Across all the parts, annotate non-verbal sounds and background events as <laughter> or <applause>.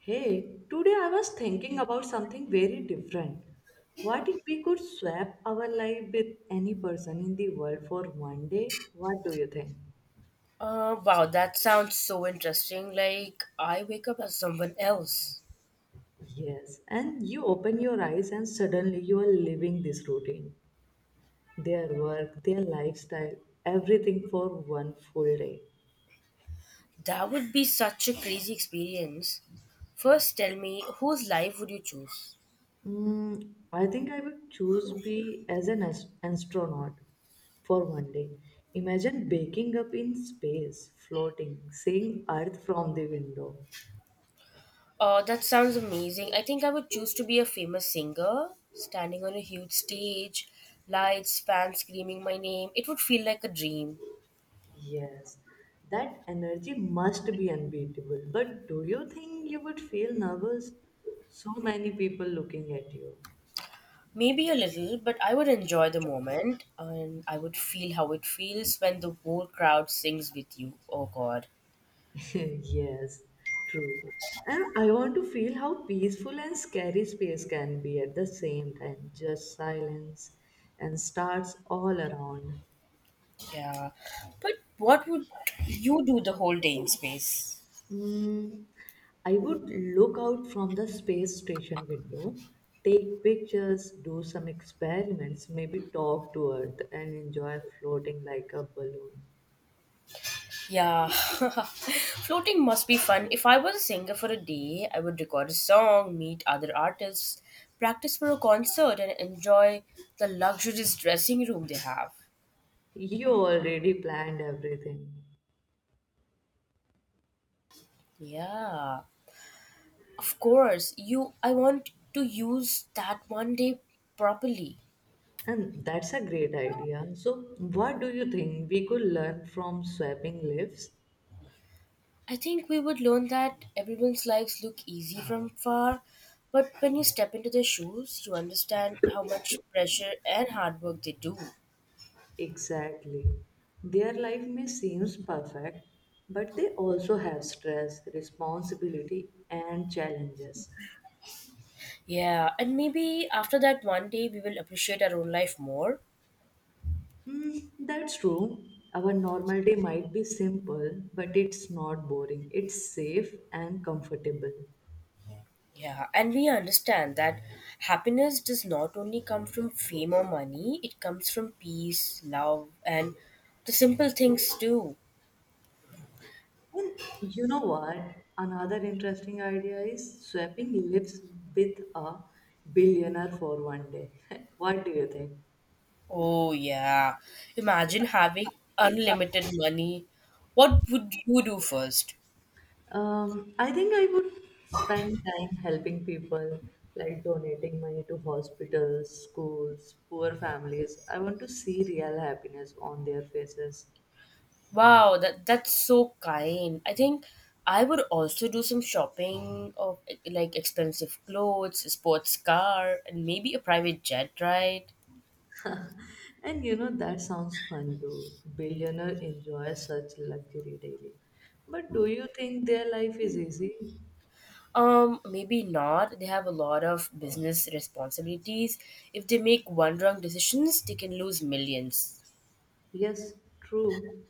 Hey, today I was thinking about something very different. What if we could swap our life with any person in the world for one day? What do you think? Wow, that sounds so interesting. Like, I wake up as someone else. Yes, and you open your eyes and suddenly you are living this routine, their work, their lifestyle, everything for one full day. That would be such a crazy experience. First, tell me, whose life would you choose? I think I would choose be as an astronaut for one day. Imagine waking up in space, floating, seeing Earth from the window. Oh, that sounds amazing. I think I would choose to be a famous singer, standing on a huge stage, lights, fans screaming my name. It would feel like a dream. Yes, that energy must be unbeatable. But do you think you would feel nervous? So many people looking at you. Maybe a little, but I would enjoy the moment and I would feel how it feels when the whole crowd sings with you. Oh god. <laughs> Yes, true. And I want to feel how peaceful and scary space can be at the same time. Just silence and stars all around. Yeah, but what would you do the whole day in space? Mm, I would look out from the space station window, take pictures, do some experiments, maybe talk to Earth and enjoy floating like a balloon. Yeah, <laughs> floating must be fun. If I was a singer for a day, I would record a song, meet other artists, practice for a concert, and enjoy the luxurious dressing room they have. You already planned everything. Yeah, of course. You, I want to use that one day properly. And that's a great idea. So, what do you think we could learn from swapping lives? I think we would learn that everyone's lives look easy from far, but when you step into their shoes, you understand how much pressure and hard work they do. Exactly. Their life may seem perfect, but they also have stress, responsibility, and challenges. Yeah, and maybe after that one day we will appreciate our own life more. That's true. Our normal day might be simple, but it's not boring. It's safe and comfortable. Yeah, and we understand that happiness does not only come from fame or money, it comes from peace, love, and the simple things too. And you know what? Another interesting idea is swapping lives with a billionaire for one day. <laughs> What do you think? Oh, yeah. Imagine having unlimited money. What would you do first? I think I would spend time helping people, like donating money to hospitals, schools, poor families. I want to see real happiness on their faces. Wow, that's so kind. I think I would also do some shopping of like expensive clothes, a sports car, and maybe a private jet ride. And you know, that sounds fun too. Billionaire enjoy such luxury daily. But do you think their life is easy? Maybe not. They have a lot of business responsibilities. If they make one wrong decisions, they can lose millions. Yes, true.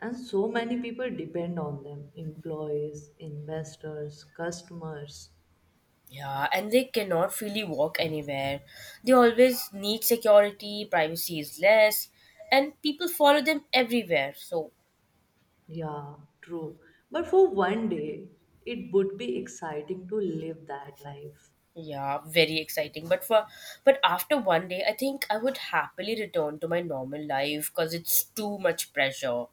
And so many people depend on them employees, investors, customers. Yeah, and they cannot freely walk anywhere. They always need security, privacy is less, and people follow them everywhere. So Yeah, true. But for one day, it would be exciting to live that life. yeah, very exciting. But for but after one day, I think I would happily return to my normal life because it's too much pressure.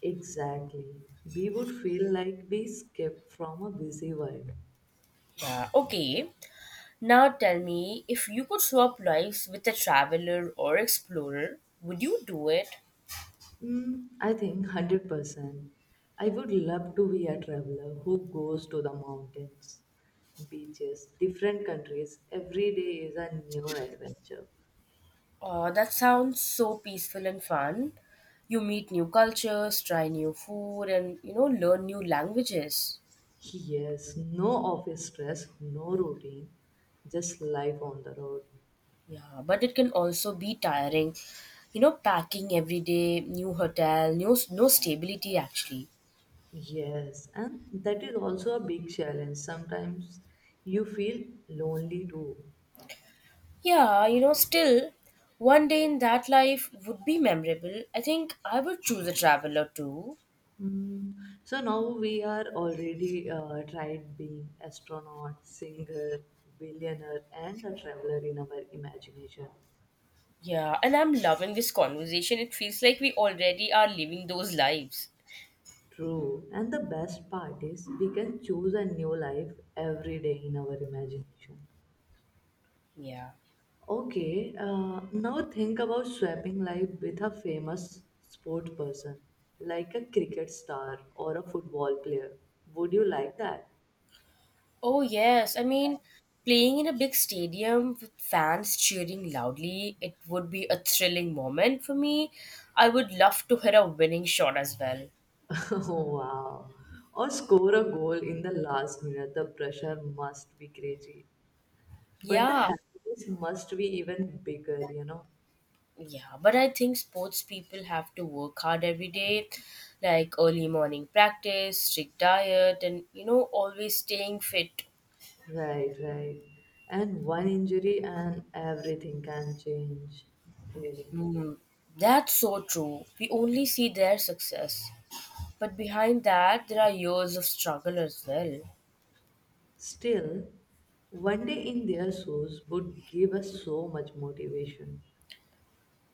Exactly. We would feel like we skipped from a busy world. Yeah. Okay. Now tell me, if you could swap lives with a traveler or explorer, would you do it? I think 100%. I would love to be a traveler who goes to the mountains, beaches, different countries. Every day is a new adventure. That sounds so peaceful and fun. You meet new cultures, try new food, and you know learn new languages. Yes, no office stress, no routine, just life on the road. Yeah, but it can also be tiring. You know, packing every day, new hotel, no stability actually. Yes, and that is also a big challenge. Sometimes you feel lonely too. Yeah, you know, still one day in that life would be memorable. I think I would choose a traveler too. Mm. So now we are already tried being astronaut, singer, billionaire, and a traveler in our imagination. Yeah, and I'm loving this conversation. It feels like we already are living those lives. True, and the best part is we can choose a new life every day in our imagination. Yeah. Okay, now think about swapping life with a famous sport person, like a cricket star or a football player. Would you like that? Oh, yes. I mean, playing in a big stadium with fans cheering loudly, it would be a thrilling moment for me. I would love to hit a winning shot as well. <laughs> Oh, wow. Or score a goal in the last minute. The pressure must be crazy. But the Yeah, happiness must be even bigger, you know? yeah. But I think sports people have to work hard every day, like early morning practice, strict diet, and, you know, always staying fit. Right, right. And one injury and everything can change, really. Hmm. That's so true. We only see their success. But behind that, there are years of struggle as well. Still, one day in their shoes would give us so much motivation,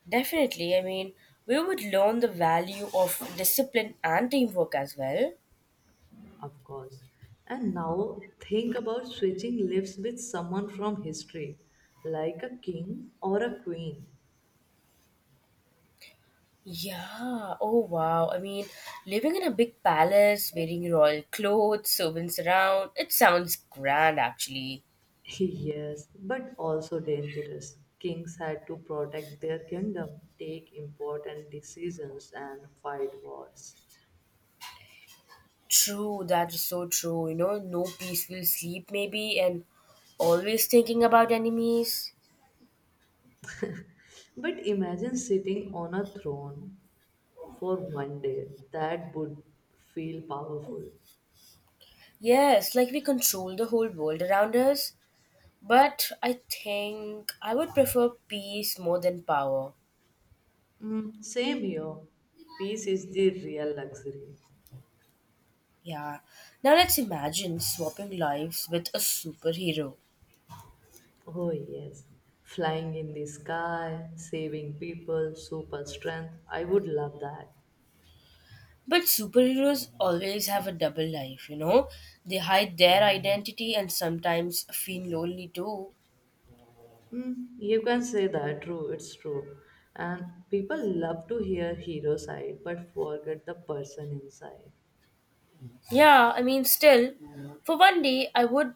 Definitely. I mean, we would learn the value of discipline and teamwork as well. of course. And now think about switching lives with someone from history, like a king or a queen. Yeah. Oh, wow. I mean, living in a big palace, wearing royal clothes, servants around, it sounds grand actually. <laughs> Yes, but also dangerous. Kings had to protect their kingdom, take important decisions, and fight wars. True. That is so true. You know, no peaceful sleep, maybe, and always thinking about enemies. But imagine sitting on a throne for one day. That would feel powerful. Yes, like we control the whole world around us. But I think I would prefer peace more than power. Same here. Peace is the real luxury. Yeah. Now let's imagine swapping lives with a superhero. Oh, yes. Flying in the sky, saving people, super strength. I would love that. But superheroes always have a double life, you know? They hide their identity and sometimes feel lonely too. You can say that, true, it's true. And people love to hear hero side but forget the person inside. Yeah, I mean, still, for one day, I would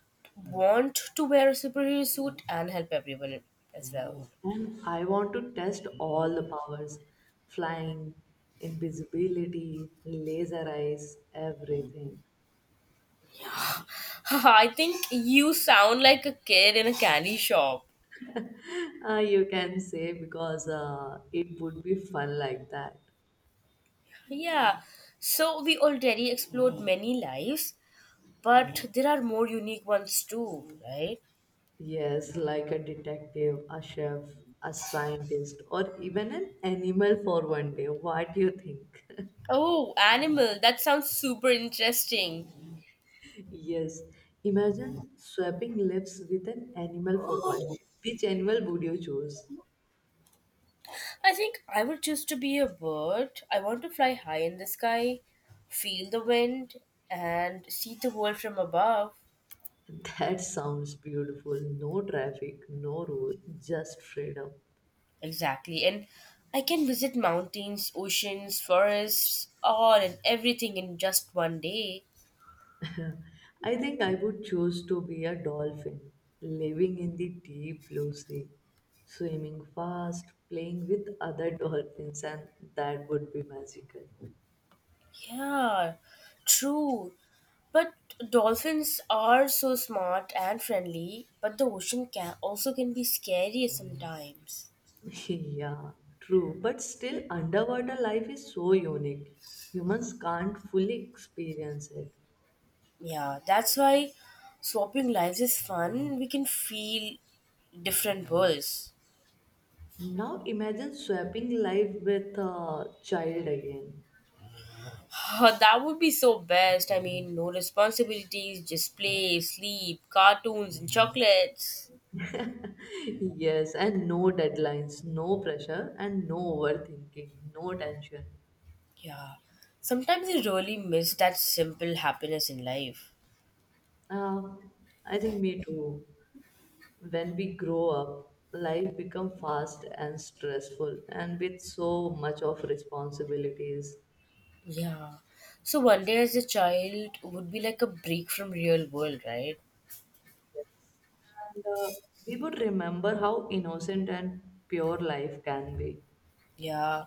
want to wear a superhero suit and help everyone as well. And I want to test all the powers flying, invisibility, laser eyes, everything. <laughs> I think you sound like a kid in a candy shop. <laughs> You can say because it would be fun like that. Yeah. So we already explored many lives, but there are more unique ones too, right? Yes, like a detective, a chef, a scientist, or even an animal for one day. What do you think? Oh, animal. That sounds super interesting. <laughs> Yes, imagine swapping lives with an animal for one day. Which animal would you choose? I think I would choose to be a bird. I want to fly high in the sky, feel the wind, and see the world from above. <laughs> That sounds beautiful. No traffic, no rule, just freedom. Exactly. And I can visit mountains, oceans, forests, all and everything in just one day. I think I would choose to be a dolphin, living in the deep blue sea, swimming fast, playing with other dolphins, and that would be magical. Yeah, true. But dolphins are so smart and friendly, but the ocean can also can be scary sometimes. <laughs> Yeah, true. But still, underwater life is so unique. Humans can't fully experience it. Yeah, that's why swapping lives is fun. We can feel different worlds. Now imagine swapping life with a child again. <sighs> that would be so best. I mean, no responsibilities, just play, sleep, cartoons, and chocolates. <laughs> Yes, and no deadlines, no pressure, and no overthinking, no tension. Yeah. Sometimes I really miss that simple happiness in life. Uh, I think me too. When we grow up, life become fast and stressful, and with so much of responsibilities. Yeah. So one day as a child would be like a break from real world, right? And we would remember how innocent and pure life can be. Yeah.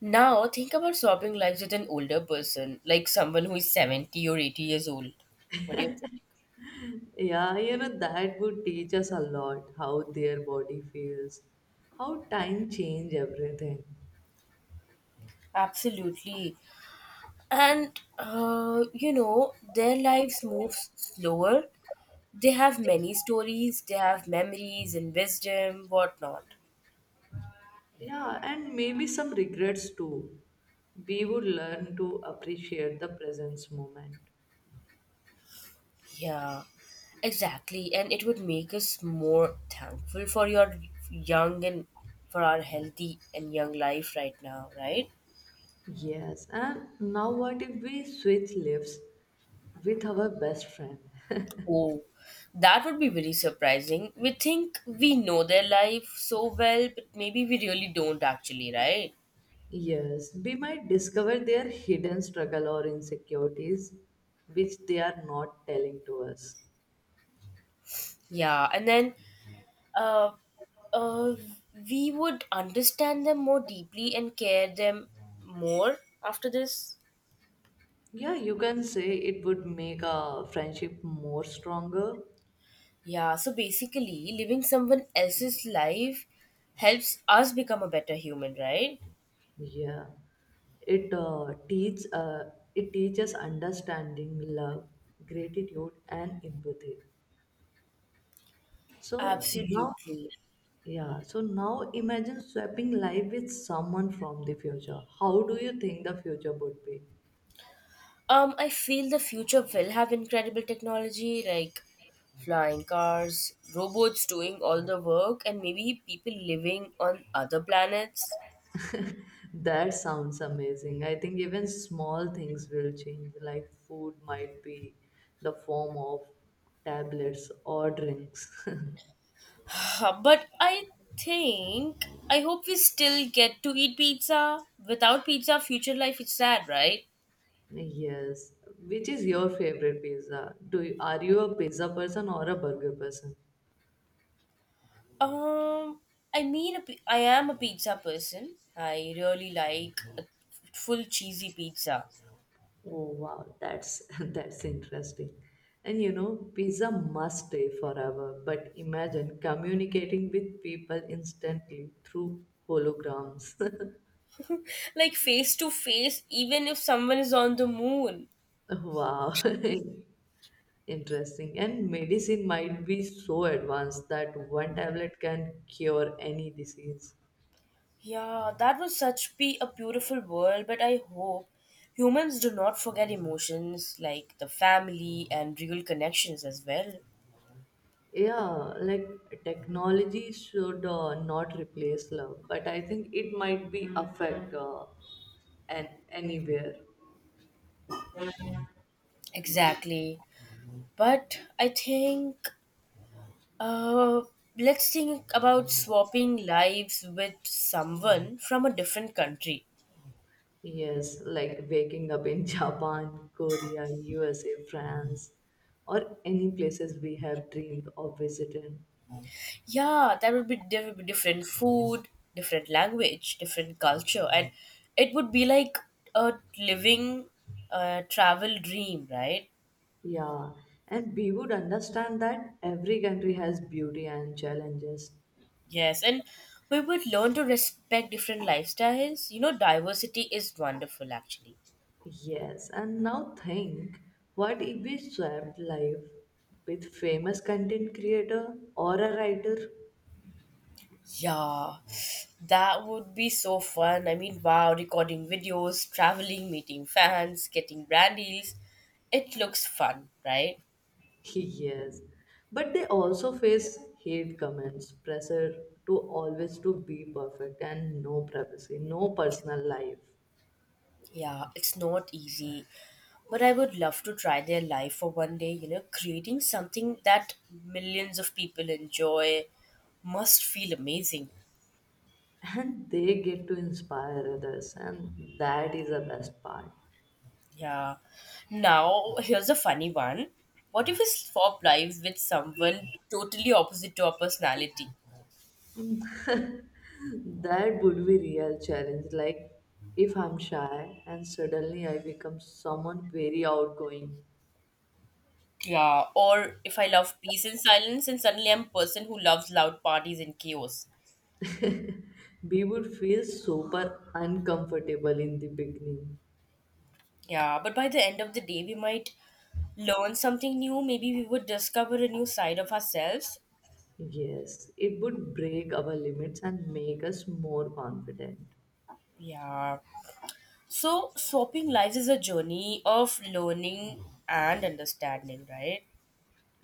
Now think about swapping lives with an older person, like someone who is 70 or 80 years old. What do you think? Yeah, you know that would teach us a lot how their body feels, how time change everything. Absolutely. And, you know, their lives move slower. They have many stories, they have memories and wisdom, whatnot. Yeah, and maybe some regrets too. We would learn to appreciate the present moment. Yeah, exactly. And it would make us more thankful for your young and for our healthy and young life right now, right? Yes, and now what if we switch lives with our best friend? <laughs> Oh, that would be very surprising. We think we know their life so well, but maybe we really don't actually, right? Yes, we might discover their hidden struggle or insecurities which they are not telling to us. Yeah, and then uh, uh, we would understand them more deeply and care them more after this. Yeah, you can say it would make a friendship more stronger. Yeah, so basically, living someone else's life helps us become a better human, right? Yeah, it teach it teaches understanding, love, gratitude, and empathy. So now Absolutely. yeah, so now imagine swapping life with someone from the future. How do you think the future would be? I feel the future will have incredible technology like flying cars, robots doing all the work, and maybe people living on other planets. That sounds amazing. I think even small things will change, like food might be the form of tablets or drinks. <laughs> But think I hope we still get to eat pizza. Without pizza, future life is sad, right? Yes. Which is your favorite pizza? Are you a pizza person or a burger person? Um, I mean, I am a pizza person. I really like a full cheesy pizza, Oh wow, that's <laughs> that's interesting. And you know, pizza must stay forever, but imagine communicating with people instantly through holograms. <laughs> like face to face, even if someone is on the moon. Wow. <laughs> Interesting. And medicine might be so advanced that one tablet can cure any disease. Yeah, that would such be a beautiful world. But I hope humans do not forget emotions like the family and real connections as well. Yeah, like technology should not replace love, but I think it might be affect and anywhere. Exactly. But I think uh, let's think about swapping lives with someone from a different country. Yes, like waking up in <laughs> Japan, Korea, USA, France, or any places we have dreamed of visiting. Yeah, that would be there would be different food, different language, different culture, and it would be like a living travel dream, right? Yeah, and we would understand that every country has beauty and challenges. Yes, and we would learn to respect different lifestyles. You know, diversity is wonderful actually. Yes, and now think what if we swapped life with famous content creator or a writer? Yeah, that would be so fun. I mean, wow, recording videos, traveling, meeting fans, getting brand deals. It looks fun, right? Yes, but they also face hate comments pressure to always to be perfect and no privacy no personal life. Yeah, it's not easy. But I would love to try their life for one day, you know, creating something that millions of people enjoy must feel amazing. And they get to inspire others and that is the best part. Yeah. Now, here's a funny one. What if we swap lives with someone totally opposite to our personality? Mm. <laughs> That would be real challenge like if I'm shy and suddenly I become someone very outgoing. Yeah, or if I love peace and silence, and suddenly I'm a person who loves loud parties and chaos. We would feel super uncomfortable in the beginning. Yeah, but by the end of the day, we might learn something new. Maybe we would discover a new side of ourselves. Yes, it would break our limits and make us more confident. Yeah. So, swapping lives is a journey of learning and understanding, right?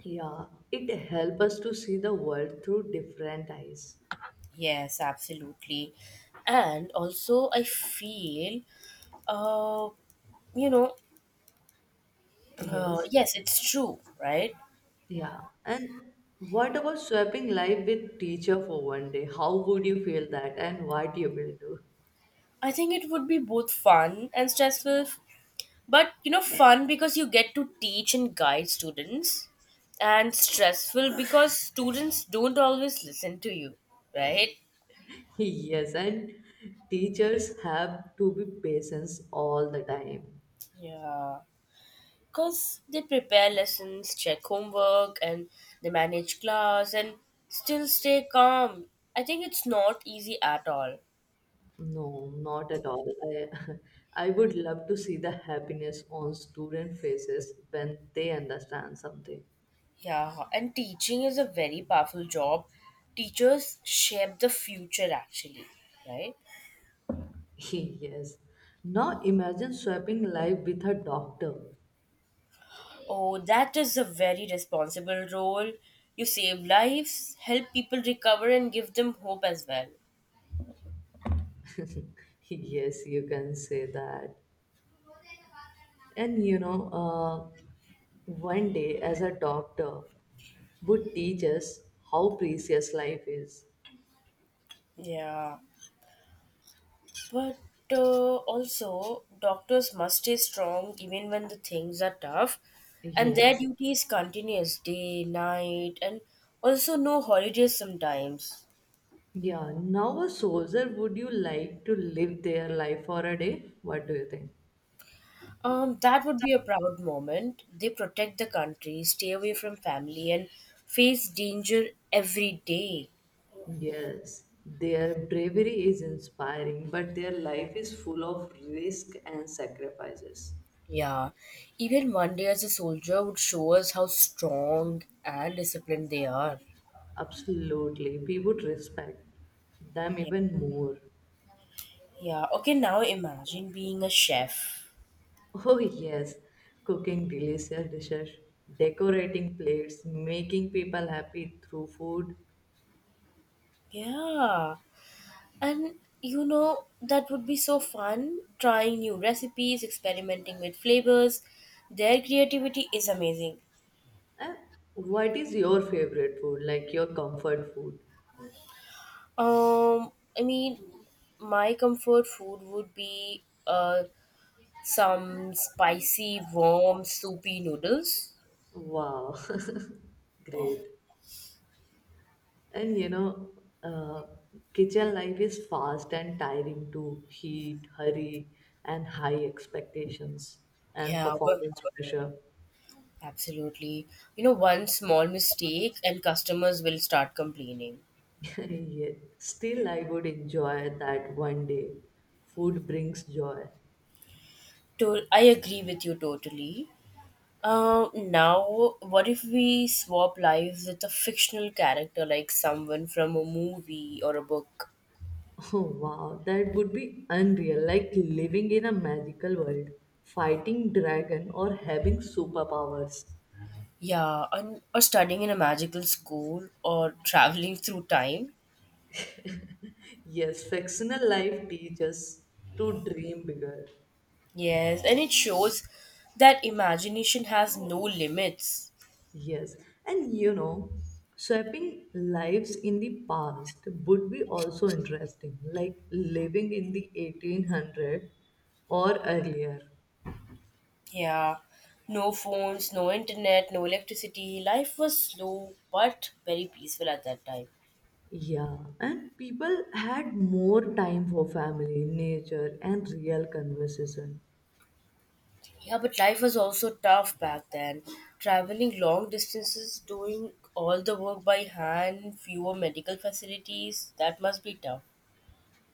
Yeah, it helps us to see the world through different eyes. Yes, absolutely. And also, I feel, uh, you know, Yes, yes, it's true, right? yeah. And what about swapping life with teacher for one day? How would you feel that and what you will do? <laughs> I think it would be both fun and stressful. But you know, fun because you get to teach and guide students, and stressful because students don't always listen to you, right? Yes, and teachers have to be patients all the time. Yeah. Because they prepare lessons, check homework, and they manage class and still stay calm. I think it's not easy at all. No, not at all. I, <laughs> I would love to see the happiness on student faces when they understand something. Yeah, and teaching is a very powerful job. Teachers shape the future, actually, right? <laughs> Yes. Now imagine swapping life with a doctor. Oh, that is a very responsible role. You save lives, help people recover, and give them hope as well. <laughs> Yes, you can say that. And you know, one day as a doctor would teach us how precious life is. Yeah. But also, doctors must stay strong even when the things are tough, and their Yes. duty is continuous day, night, and also no holidays sometimes. Yeah. Now a soldier, would you like to live their life for a day? What do you think? That would be a proud moment. They protect the country, stay away from family, and face danger every day. Yes, their bravery is inspiring, but their life is full of risk and sacrifices. Yeah, even one day as a soldier would show us how strong and disciplined they are. Absolutely, we would respect them Yeah. even more. Yeah. Okay, now imagine being a chef. Oh, yes, cooking delicious dishes, decorating plates, making people happy through food. Yeah, and you know, that would be so fun trying new recipes, experimenting with flavors. Their creativity is amazing. And what is your favorite food, like your comfort food? Um, I mean, my comfort food would be some spicy, warm, soupy noodles. Wow, <laughs> great. And you know, uh, kitchen life is fast and tiring too. Heat, hurry, and high expectations and Yeah, but. performance pressure. Absolutely. You know, one small mistake and customers will start complaining. <laughs> Yeah. Still, I would enjoy that one day. Food brings joy. <laughs> To, I agree with you totally. Now, what if we swap lives with a fictional character like someone from a movie or a book? Oh wow, that would be unreal, like living in a magical world, fighting dragon or having superpowers. Yeah, and, or studying in a magical school or traveling through time. Yes, fictional life teaches to dream bigger. Yes, and it shows that imagination has no limits. Yes, and you know, swapping lives in the past would be also interesting, like living in the 1800 or earlier. Yeah, no phones, no internet, no electricity. Life was slow but very peaceful at that time. Yeah, and people had more time for family, nature, and real conversation. Yeah, but life was also tough back then. Traveling long distances, doing all the work by hand, fewer medical facilities, that must be tough.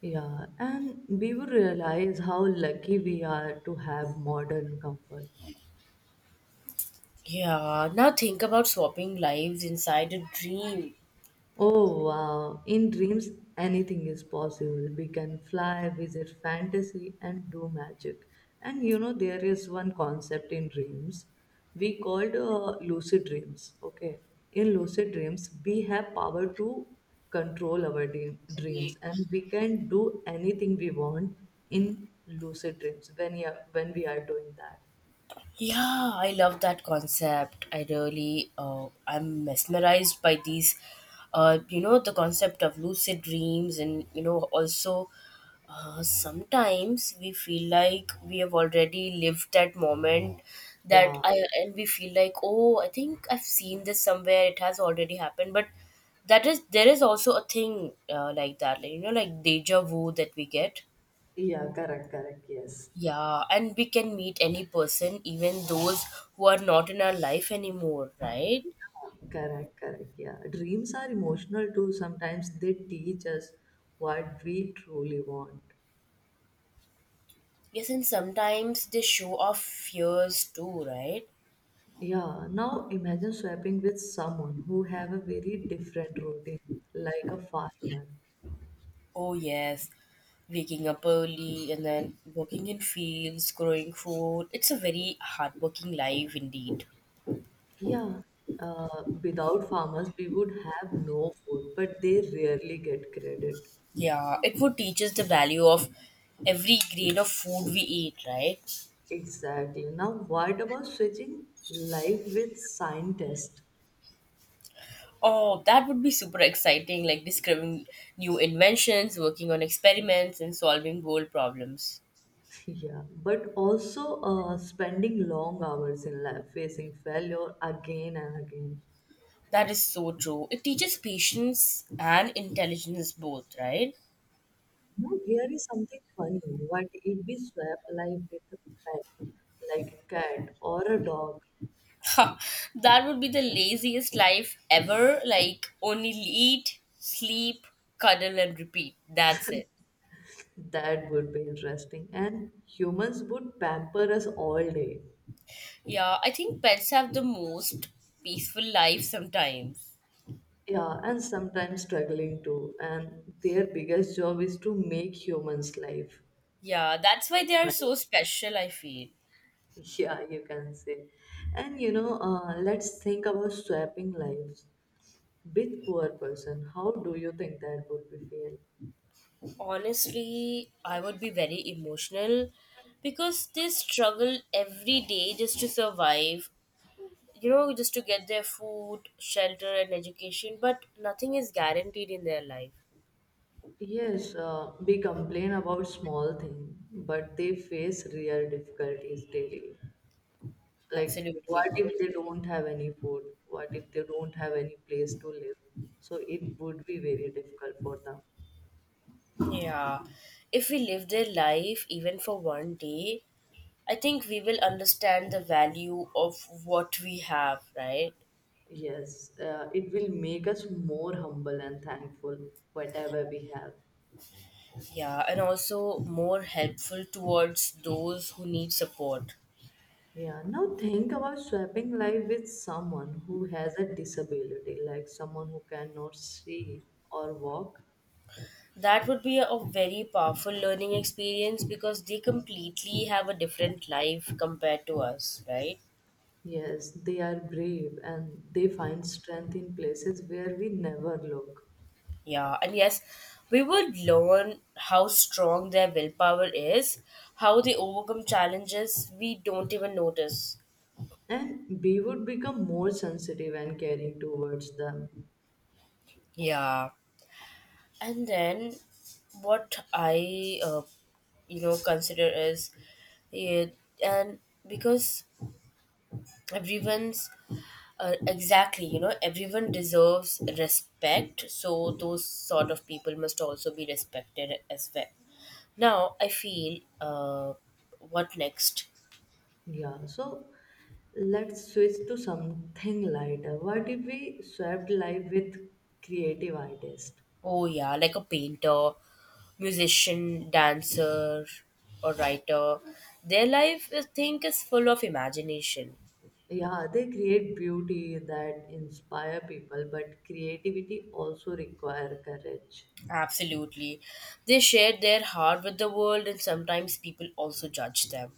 Yeah, and we would realize how lucky we are to have modern comfort. Yeah, now think about swapping lives inside a dream. Oh wow, in dreams anything is possible. We can fly, visit fantasy, and do magic. And you know, there is one concept in dreams we called lucid dreams. Okay, in lucid dreams, we have power to control our dreams and we can do anything we want in lucid dreams when we are doing that. Yeah, I love that concept. I really, I'm mesmerized by these, you know, the concept of lucid dreams, and you know, also sometimes we feel like we have already lived that moment that Yeah, I and we feel like, oh, I think I've seen this somewhere. It has already happened, but that is there is also a thing like that, like, you know, like deja vu that we get. yeah, correct, correct, yes. Yeah, and we can meet any person, even those who are not in our life anymore, right? Correct, correct. Yeah. Dreams are emotional too. Sometimes they teach us what we truly want. Yes, and sometimes they show off fears too, right? Yeah. Now imagine swapping with someone who have a very different routine, like a farmer. Oh, yes. Waking up early and then working in fields, growing food. It's a very hardworking life indeed. Yeah. Without farmers, we would have no food, but they rarely get credit. Yeah, it would teach us the value of every grain of food we eat, right? Exactly. Now, what about switching life with scientists? Oh, that would be super exciting, like discovering new inventions, working on experiments, and solving bold problems. Yeah, but also spending long hours in life facing failure again and again. That is so true. It teaches patience and intelligence both, right? Now, here is something funny. What if we swap life with a pet, like a cat or a dog? Ha, that would be the laziest life ever. Like, only eat, sleep, cuddle, and repeat. That's it. That would be interesting. And humans would pamper us all day. Yeah, I think pets have the most peaceful life sometimes. Yeah, and sometimes struggling too. And their biggest job is to make humans' life Yeah, that's why they are nice. so special, I feel. <laughs> Yeah, you can say. And you know, let's think about swapping lives. Big poor person, how do you think that would be feel? Honestly, I would be very emotional because they struggle every day just to survive, you know, just to get their food, shelter, and education, but nothing is guaranteed in their life. Yes, we complain about small thing, but they face real difficulties daily. Like, Absolutely. what if they don't have any food? What if they don't have any place to live? So it would be very difficult for them. Yeah. If we live their life even for one day, I think we will understand the value of what we have, right? Yes, it will make us more humble and thankful, whatever we have. Yeah, and also more helpful towards those who need support. Yeah, now think about swapping life with someone who has a disability, like someone who cannot see or walk. That would be a very powerful learning experience because they completely have a different life compared to us, right? Yes, they are brave and they find strength in places where we never look. Yeah, and yes, we would learn how strong their willpower is, how they overcome challenges we don't even notice. And we would become more sensitive and caring towards them. Yeah. And then what I, uh, you know, consider is, yeah, and because everyone's, exactly, you know, everyone deserves respect, so those sort of people must also be respected as well. Now, I feel, what next? Yeah, so let's switch to something lighter. What if we swapped life with creative artists? Oh yeah, like a painter, musician, dancer, or writer. Their life, I think, is full of imagination. Yeah, they create beauty that inspire people, but creativity also require courage. Absolutely. They share their heart with the world, and sometimes people also judge them.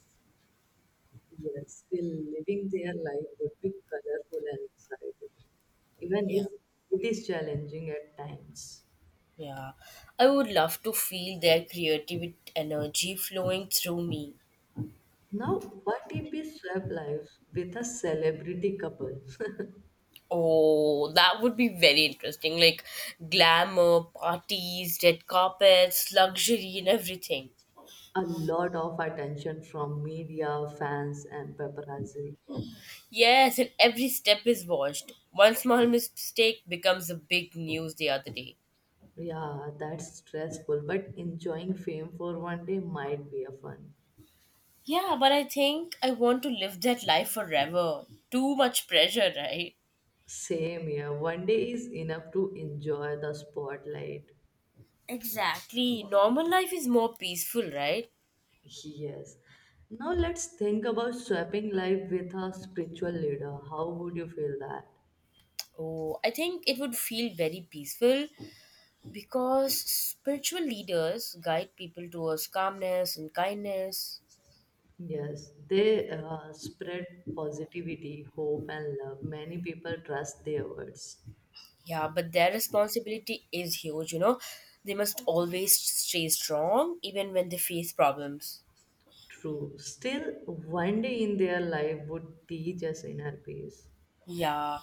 Yes, still living their life would be colorful and exciting, even Yeah, if it is challenging at times. yeah. I would love to feel their creative energy flowing through me. Now, what if we swap lives with a celebrity couple? <laughs> Oh, that would be very interesting. Like glamour, parties, red carpets, luxury, and everything. A lot of attention from media, fans, and paparazzi. Yes, and every step is watched. One small mistake becomes a big news the other day. Yeah, that's stressful, but enjoying fame for one day might be a fun. Yeah, but I think I want to live that life forever. Too much pressure, right? Same here. One day is enough to enjoy the spotlight. Exactly. Normal life is more peaceful, right? Yes. Now let's think about swapping life with a spiritual leader. How would you feel that? Oh, I think it would feel very peaceful because spiritual leaders guide people towards calmness and kindness. Yes, they spread positivity, hope, and love. Many people trust their words. Yeah, but their responsibility is huge, you know. They must always stay strong even when they face problems. True. Still, one day in their life would teach us inner peace. Yeah.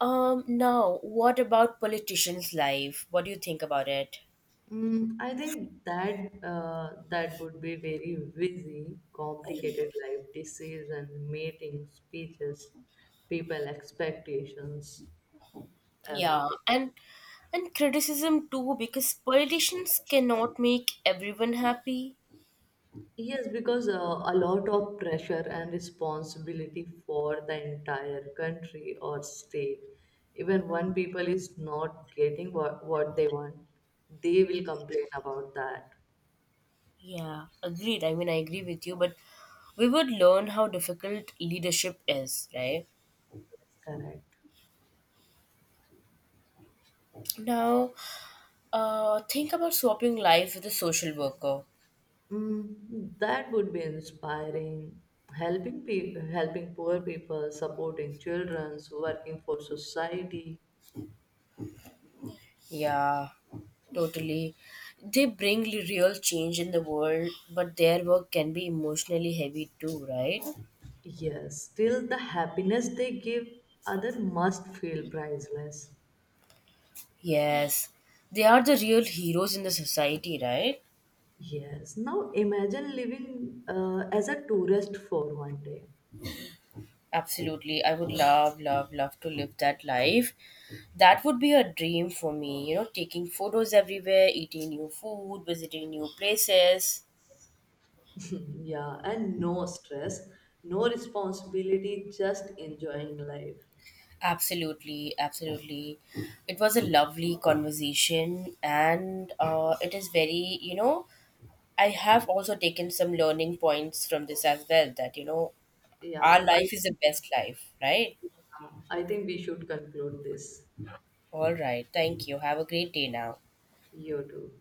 Now what about politicians' life? What do you think about it? I think that would be very busy, complicated life, disease and meeting speeches, people expectations, Yeah. everything. And criticism too because politicians cannot make everyone happy. Yes, because a lot of pressure and responsibility for the entire country or state. Even one people is not getting what they want, they will complain about that. Yeah, agreed. I mean, I agree with you, but we would learn how difficult leadership is, right? That's correct. Now, think about swapping life with a social worker. That would be inspiring. Helping people, helping poor people, supporting children, working for society. Yeah, totally. They bring real change in the world, but their work can be emotionally heavy too, right? Yes, still the happiness they give other must feel priceless. Yes. They are the real heroes in the society, right? Yes, now imagine living as a tourist for one day. Absolutely. I would love, love, love to live that life. That would be a dream for me, you know, taking photos everywhere, eating new food, visiting new places. <laughs> Yeah, and no stress, no responsibility, just enjoying life. Absolutely, absolutely. It was a lovely conversation, and it is very, you know, I have also taken some learning points from this as well that, you know, our Yeah, I, life is the best life, right? I think we should conclude this. All right. Thank you. Have a great day now. You too.